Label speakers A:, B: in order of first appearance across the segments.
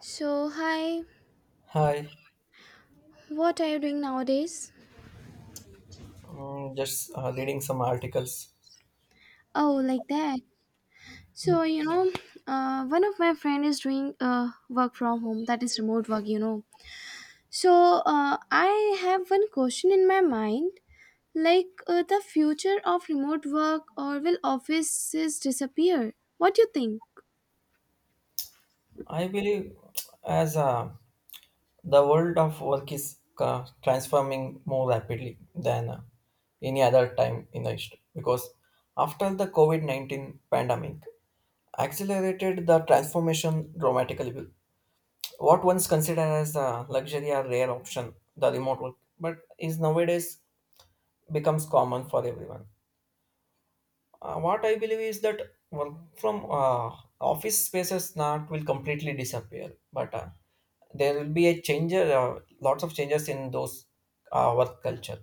A: So, hi,
B: Hi,
A: what are you doing nowadays?
B: just reading some articles.
A: Oh, like that. So, one of my friend is doing work from home, that is remote work. So, I have one question in my mind, like the future of remote work, or will offices disappear? What do you think?
B: I believe as the world of work is transforming more rapidly than any other time in the history because after the COVID 19 pandemic accelerated the transformation dramatically. What once considered as a luxury or rare option, the remote work, but is nowadays becomes common for everyone. What I believe is that work from office spaces not will completely disappear, but there will be a change, lots of changes in those work culture,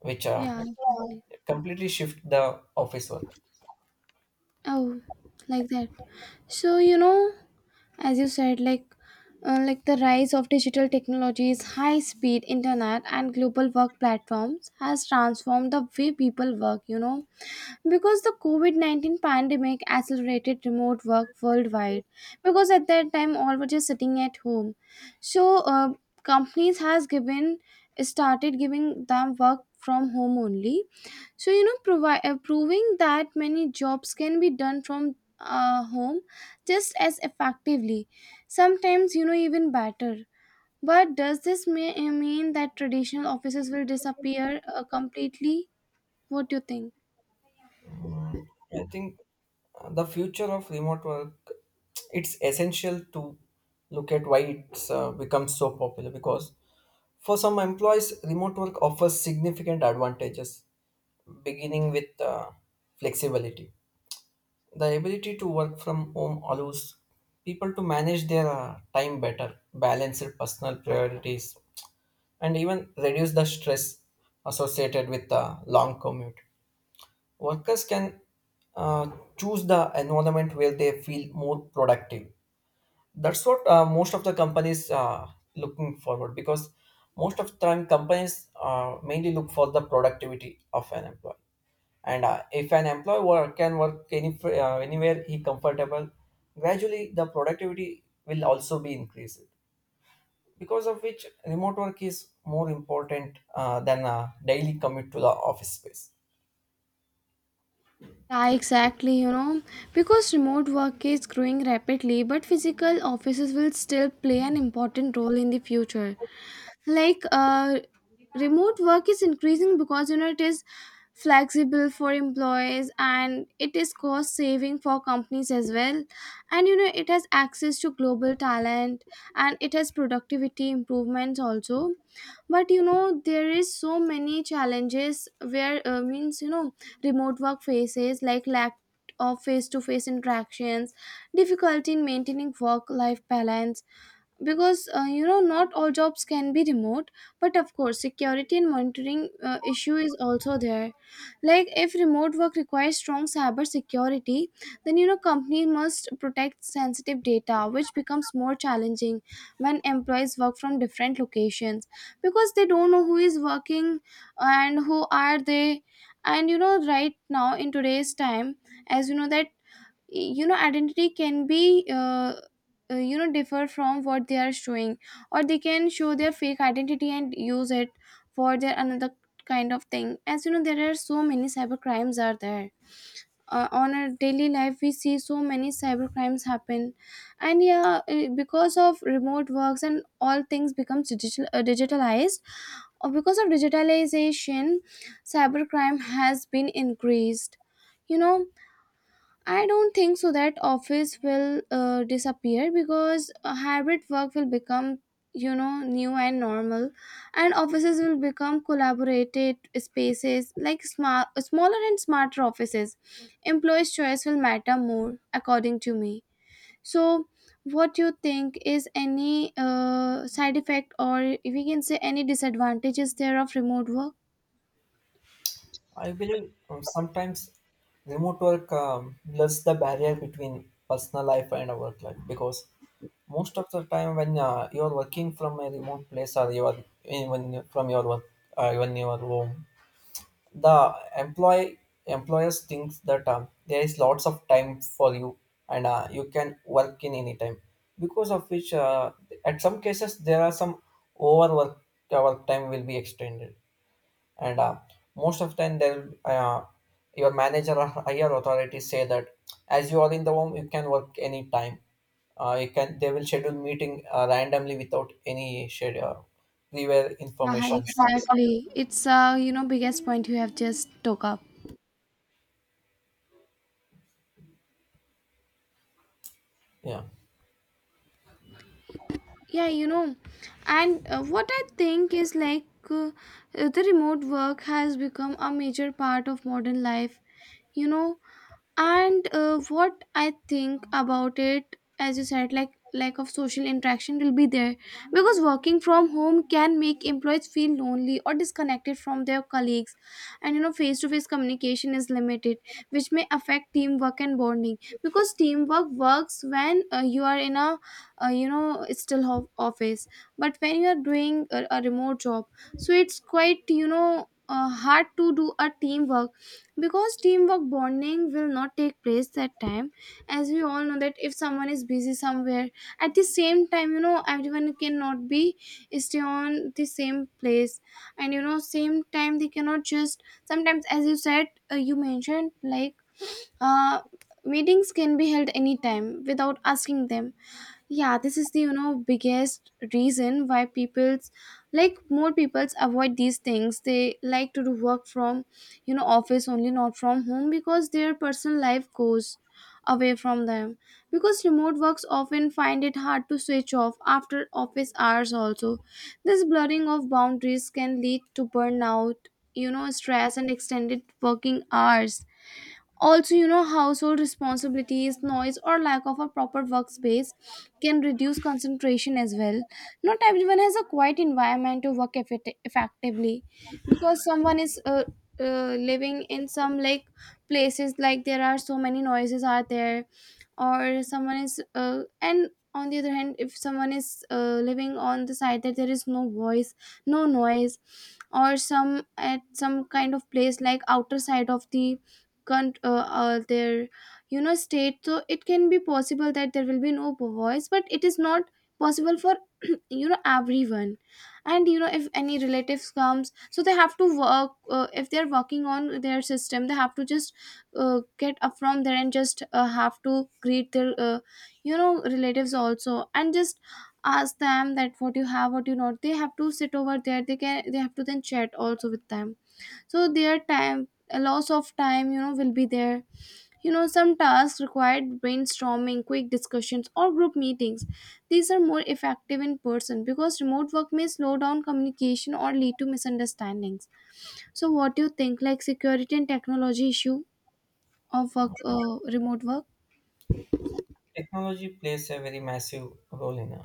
B: which
A: Yeah, definitely.
B: completely shift the office work.
A: Oh, like that. So, as you said, like the rise of digital technologies, high speed internet, and global work platforms has transformed the way people work, because the COVID-19 pandemic accelerated remote work worldwide, because at that time all were just sitting at home. So companies has given started giving them work from home only. So proving that many jobs can be done from home just as effectively, sometimes, even better. But does mean that traditional offices will disappear completely? What do you think?
B: Mm, I think the future of remote work, it's essential to look at why it's become so popular because for some employees remote work offers significant advantages beginning with flexibility. The ability to work from home allows people to manage their time better, balance their personal priorities, and even reduce the stress associated with the long commute. Workers can uh, choose the environment where they feel more productive. That's what most of the companies are looking forward, because most of the time companies mainly look for the productivity of an employee. And if an employee can work anywhere he comfortable, gradually the productivity will also be increased. Because of which remote work is more important than a daily commute to the office space.
A: Yeah, exactly, because remote work is growing rapidly, but physical offices will still play an important role in the future. Like remote work is increasing because it is flexible for employees, and it is cost saving for companies as well. And it has access to global talent, and it has productivity improvements also. But there is so many challenges where means you know remote work faces, like lack of face to face interactions, difficulty in maintaining work life balance, because not all jobs can be remote. But of course security and monitoring issue is also there, like if remote work requires strong cyber security, then company must protect sensitive data, which becomes more challenging when employees work from different locations, because they don't know who is working and who are they. And right now in today's time, as you know that identity can be differ from what they are showing, or they can show their fake identity and use it for their another kind of thing. As you know there are so many cyber crimes are there on our daily life, we see so many cyber crimes happen. And yeah, because of remote works and all things becomes digital digitalized, or because of digitalization, cyber crime has been increased you know I don't think so that office will disappear, because hybrid work will become new and normal, and offices will become collaborated spaces, like smart smaller and smarter offices. Employees choice will matter more according to me. So what you think is any side effect, or if we can say any disadvantages there of remote work?
B: I believe sometimes remote work blurs the barrier between personal life and work life, because most of the time when you are working from a remote place, or you are from your work, when you are home, the employee employers thinks that there is lots of time for you, and you can work in any time, because of which at some cases there are some overwork, work time will be extended, and most of the time they'll your manager or higher authorities say that as you are in the home, you can work anytime. You can they will schedule meeting randomly without any schedule prior
A: Yeah
B: informations.
A: exactly, it's biggest point you have just took up.
B: Yeah,
A: Yeah. And what I think is like, uh, the remote work has become a major part of modern life you know and what I think about it, as you said, like lack of social interaction will be there, because working from home can make employees feel lonely or disconnected from their colleagues. And face to face communication is limited, which may affect teamwork and bonding. Because teamwork works when you are in a office. But when you are doing a remote job, so it's quite hard to do a teamwork, because teamwork bonding will not take place that time. As we all know that if someone is busy somewhere at the same time, everyone cannot be stay on the same place. And same time they cannot just sometimes, as you said, you mentioned like uh meetings can be held anytime without asking them. Yeah, this is the biggest reason why people's, like more people's avoid these things, they like to do work from office only, not from home, because their personal life goes away from them. Because remote works often find it hard to switch off after office hours also. This blurring of boundaries can lead to burnout, stress and extended working hours. Also, household responsibilities, noise, or lack of a proper workspace can reduce concentration as well. Not everyone has a quiet environment to work effectively, because someone is living in some like places, like there are so many noises are there. Or someone is and on the other hand if someone is living on the side that there is no voice, no noise. Or some at some kind of place, like outer side of the their state. So it can be possible that there will be no voice, but it is not possible for everyone. And if any relatives comes, so they have to work. If they're working on their system, they have to just get up from there and just have to greet their relatives also, and just ask them that what you have what you not. They have to sit over there, they can they have to then chat also with them. So their time, a loss of time, will be there. Some tasks required brainstorming, quick discussions, or group meetings. These are more effective in person, because remote work may slow down communication or lead to misunderstandings. So what do you think, like security and technology issue of work remote work?
B: technology plays a very massive role in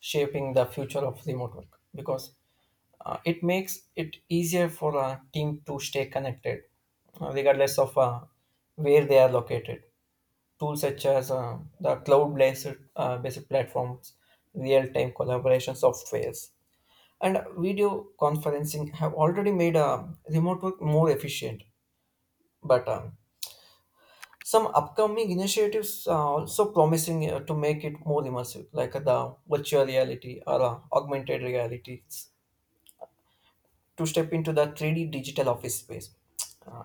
B: shaping the future of remote work, because it makes it easier for a team to stay connected regardless of where they are located. Tools such as the cloud-based based platforms, real-time collaboration softwares, and video conferencing have already made remote work more efficient. But some upcoming initiatives are also promising to make it more immersive, like the virtual reality or augmented realities, to step into the 3D digital office space. Uh,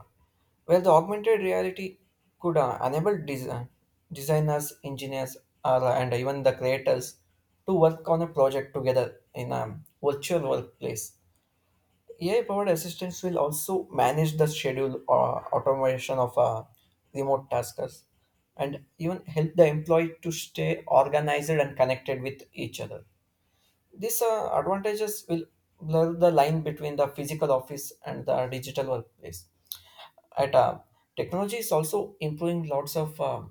B: Well, the augmented reality could enable designers, engineers, and even the creators to work on a project together in a virtual workplace. AI-powered assistants will also manage the schedule or automation of remote tasks, and even help the employee to stay organized and connected with each other. These advantages will blur the line between the physical office and the digital workplace. At technology is also improving lots of uh,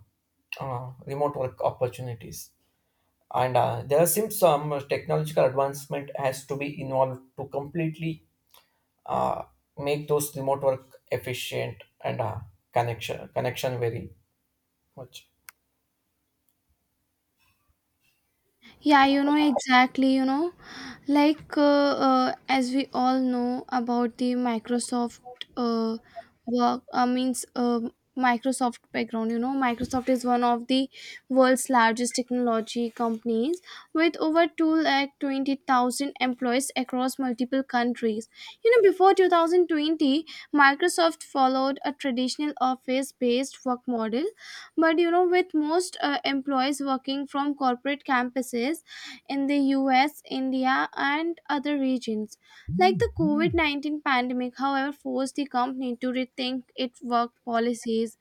B: uh, remote work opportunities, and there seems some technological advancement has to be involved to completely uh, make those remote work efficient and connection very much.
A: Yeah, exactly, like as we all know about the microsoft uh, work means microsoft background. Microsoft is one of the world's largest technology companies, with over 220,000 employees across multiple countries. Before 2020, Microsoft followed a traditional office based work model. But with most employees working from corporate campuses in the US, India, and other regions. Like the COVID-19 pandemic, however, forced the company to rethink its work policies.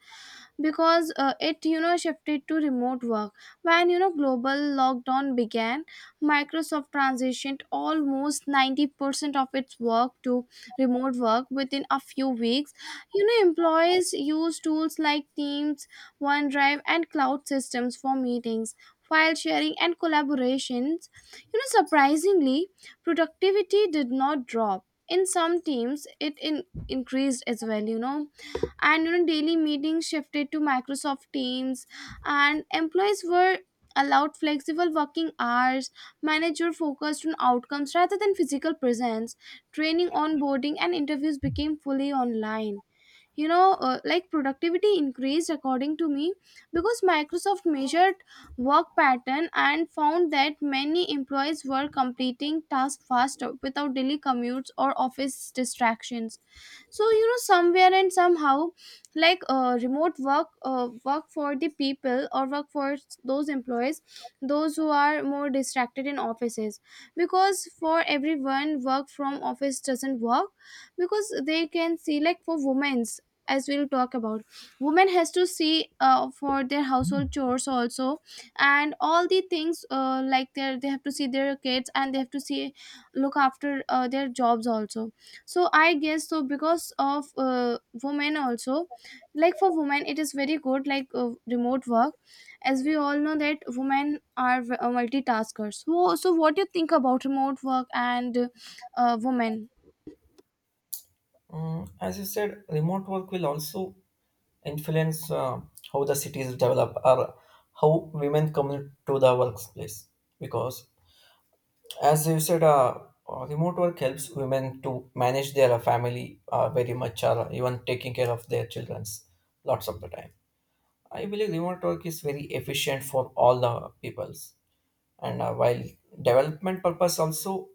A: Because it shifted to remote work when global lockdown began. Microsoft transitioned almost 90% of its work to remote work within a few weeks. Employees use tools like Teams, OneDrive, and cloud systems for meetings, file sharing, and collaborations. Surprisingly, productivity did not drop. In some teams it increased as well. And daily meetings shifted to Microsoft Teams, and employees were allowed flexible working hours. Manager focused on outcomes rather than physical presence. Training, onboarding, and interviews became fully online. Like productivity increased according to me, because Microsoft measured work pattern and found that many employees were completing tasks faster without daily commutes or office distractions. So somewhere and somehow, like remote work for the people, or work for those employees, those who are more distracted in offices. Because for everyone work from office doesn't work, because they can see, like for women's, as we'll talk about, women has to see for their household chores also, and all the things like they have to see their kids, and they have to see look after their jobs also. So I guess so because of women also, like for women it is very good, like remote work, as we all know that women are multitaskers. So, so what do you think about remote work and women?
B: Mm, as you said, remote work will also influence how the cities develop, or how women come to the workplace, because as you said, remote work helps women to manage their family very much, or even taking care of their childrens lots of the time. I believe remote work is very efficient for all the peoples, and while development purpose also,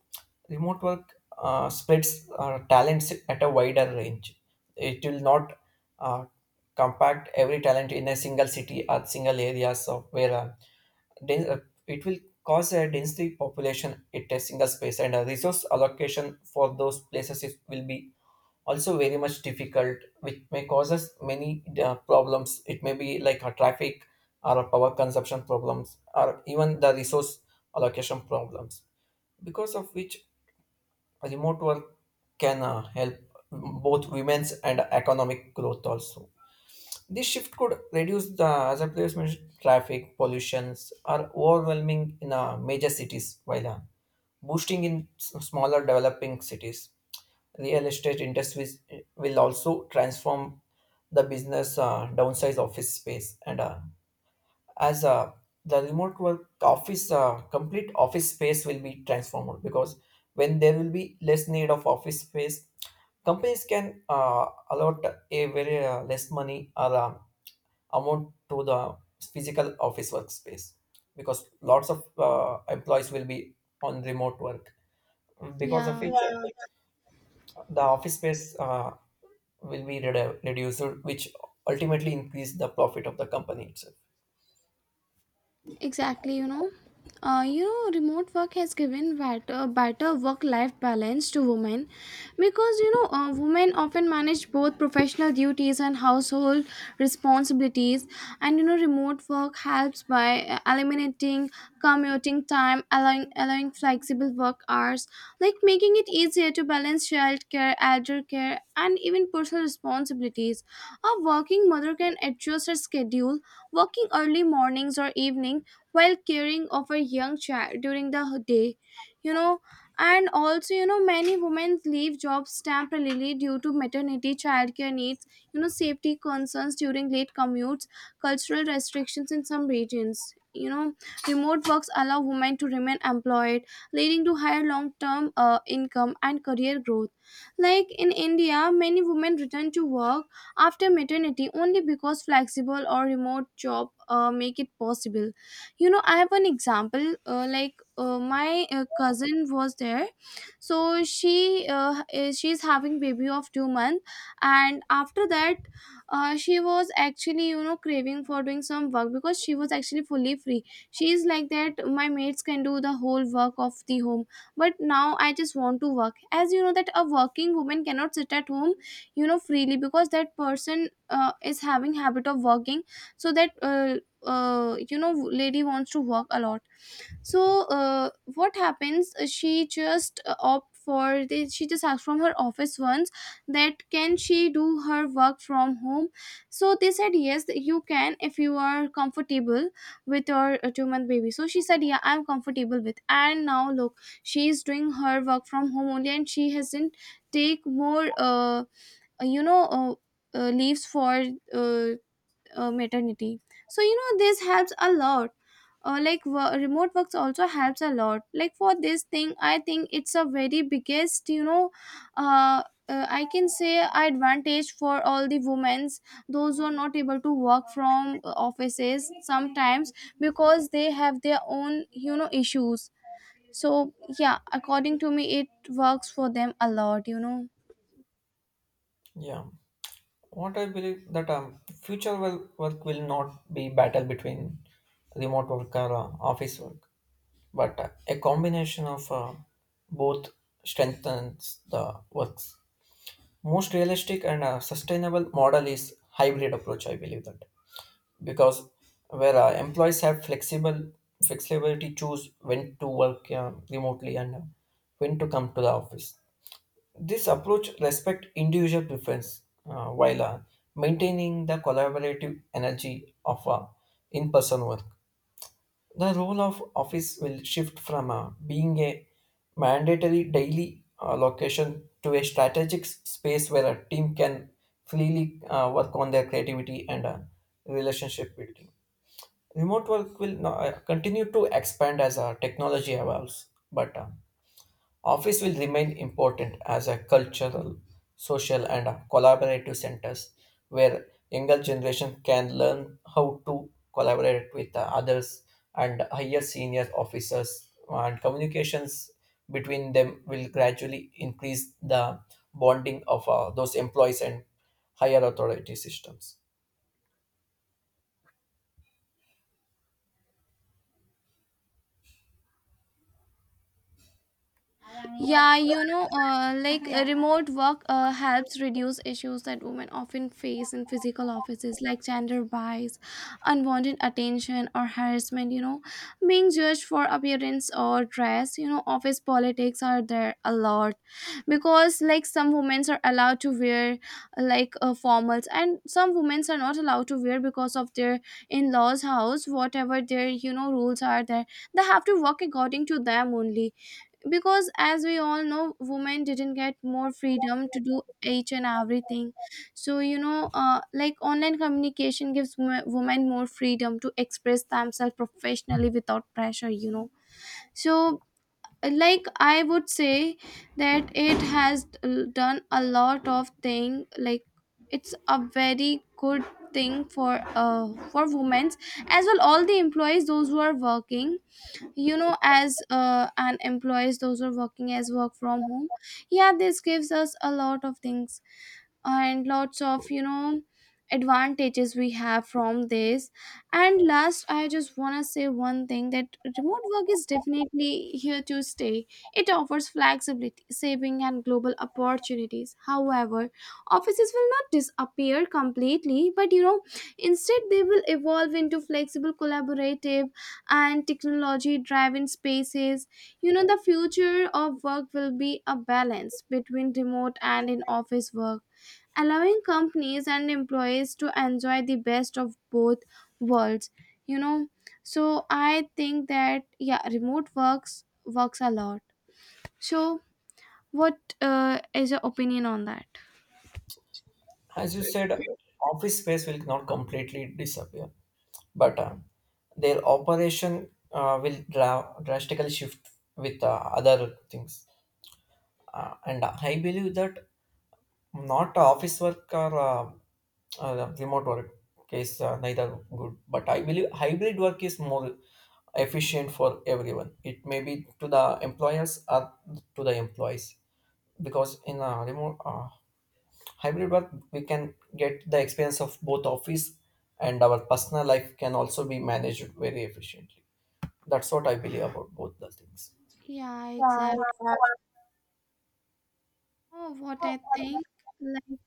B: remote work spreads talents at a wider range. It will not uh, compact every talent in a single city or single areas of where den- uh, it will cause a densely population in a single space, and a resource allocation for those places will be also very much difficult, which may cause us many problems. It may be like a traffic or a power consumption problems, or even the resource allocation problems, because of which remote work can help both women's and economic growth also. This shift could reduce the, as I previously mentioned, traffic, pollutions are overwhelming in major cities, while boosting in smaller developing cities. Real estate industries will also transform the business, downsize office space, and as the remote work office, complete office space will be transformed, because when there will be less need of office space, companies can allot a very less money or amount to the physical office workspace, because lots of employees will be on remote work, because
A: Yeah.
B: of which, yeah, the office space uh, reduced, which ultimately increase the profit of the company itself.
A: Exactly, remote work has given better work-life balance to women, because women often manage both professional duties and household responsibilities. And remote work helps by eliminating commuting time, allowing flexible work hours, like making it easier to balance childcare, elder care, and even personal responsibilities. A working mother can adjust her schedule, working early mornings or evening, while caring of a young child during the day you know and also, many women leave jobs temporarily due to maternity childcare needs, safety concerns during late commutes, cultural restrictions in some regions. you know Remote works allow women to remain employed, leading to higher long-term income and career growth. Like in India, many women return to work after maternity only because flexible or remote job make it possible. I have one example, like, my cousin was there. So she she's having baby of 2 month, and after that she was actually craving for doing some work, because she was actually fully free. She's like that my mates can do the whole work of the home, but now I just want to work, as you know that a working woman cannot sit at home freely, because that person is having habit of working. So that, lady wants to work a lot. So what happens, she just she just asked from her office once, that can she do her work from home. So they said, yes you can if you are comfortable with your 2 month baby. So she said, yeah I'm comfortable with, and now look, she is doing her work from home only, and she hasn't take more you know uh, leaves for uh, maternity. So, this helps a lot. Like, remote works also helps a lot, like for this thing I think it's a very biggest, uh, I can say, advantage for all the women's, those who are not able to work from offices sometimes, because they have their own issues. So yeah, according to me it works for them a lot.
B: Yeah, what I believe that future will, work will not be battle between remote work or office work, but a combination of both strengthens the works. Most realistic and sustainable model is hybrid approach, I believe that, because where employees have flexible flexibility, choose when to work remotely, and when to come to the office. This approach respect individual preference, while maintaining the collaborative energy of in-person work. The role of office will shift from being a mandatory daily location to a strategic space where a team can freely work on their creativity and relationship building. Remote work will continue to expand as technology evolves, but office will remain important as a cultural, social, and a collaborative centers, where younger generation can learn how to collaborate with the others, and higher senior officers, and communications between them will gradually increase the bonding of those employees and higher authority systems.
A: Yeah, like remote work helps reduce issues that women often face in physical offices, like gender bias, unwanted attention, or harassment. Being judged for appearance or dress. Office politics are there a lot, because, like, some women are allowed to wear, like, formals, and some women are not allowed to wear because of their in-laws' house. Whatever their rules are there, they have to work according to them only, because as we all know women didn't get more freedom to do each and everything. So, like, online communication gives women more freedom to express themselves professionally without pressure. So, like, I would say that it has done a lot of thing, like it's a very good thing for women, as well all the employees those who are working, as an employees those who are working as work from home. Yeah, this gives us a lot of things, and lots of advantages we have from this. And last, I just want to say one thing, that remote work is definitely here to stay. It offers flexibility, saving, and global opportunities. However, offices will not disappear completely, but instead, they will evolve into flexible, collaborative, and technology driven spaces. The future of work will be a balance between remote and in office work, allowing companies and employees to enjoy the best of both worlds you know so, I think that yeah, remote works a lot. So, what is your opinion on that?
B: As you said, office space will not completely disappear, but their operation will drastically shift with other things. And I believe that not office work or remote work is neither good, but I believe hybrid work is more efficient for everyone. It may be to the employers or to the employees, because in a remote hybrid work we can get the experience of both office, and our personal life can also be managed very efficiently. That's what I believe about both the things.
A: Yeah,
B: Yeah,
A: exactly.
B: exactly.
A: Oh, what I think, like,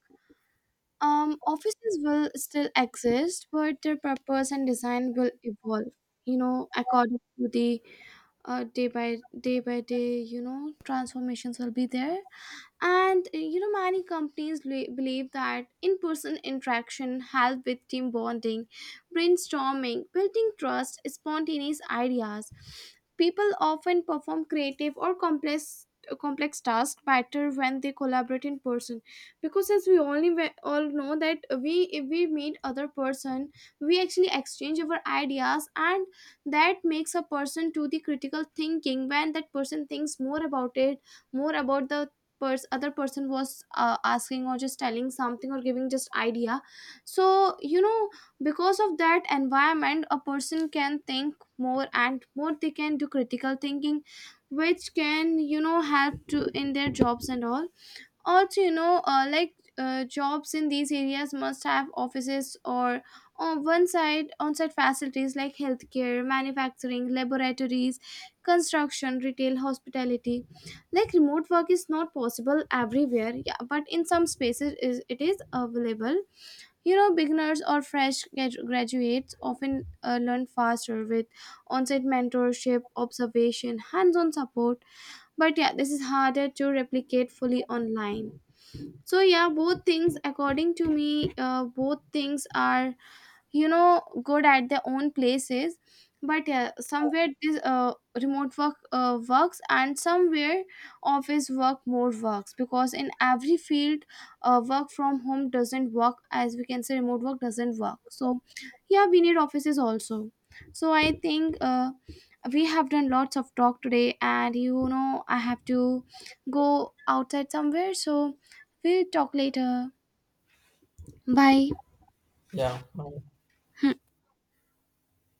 A: offices will still exist, but their purpose and design will evolve, according to the uh, day by day by day, transformations will be there. And many companies believe that in-person interaction help with team bonding, brainstorming, building trust, spontaneous ideas. People often perform creative or complex tasks better when they collaborate in person, because as we all know that we if we meet other person, we actually exchange our ideas, and that makes a person to the critical thinking, when that person thinks more about it, more about the other person was asking or just telling something or giving just idea. So, you know because of that environment a person can think more and more, they can do critical thinking, which can help to in their jobs and all. Also, like jobs in these areas must have offices or on one side on-site facilities, like healthcare, manufacturing, laboratories, construction, retail, hospitality. Like, remote work is not possible everywhere, yeah, but in some spaces is it is available. Beginners or fresh graduates often learn faster with on-site mentorship, observation, hands-on support, but yeah, this is harder to replicate fully online. So yeah, both things according to me, both things are, good at their own places. But yeah, somewhere this remote work works, and somewhere office work more works, because in every field work from home doesn't work, as we can say remote work doesn't work. So yeah, we need offices also. So I think we have done lots of talk today, and I have to go outside somewhere, so we'll talk later. Bye.
B: Yeah,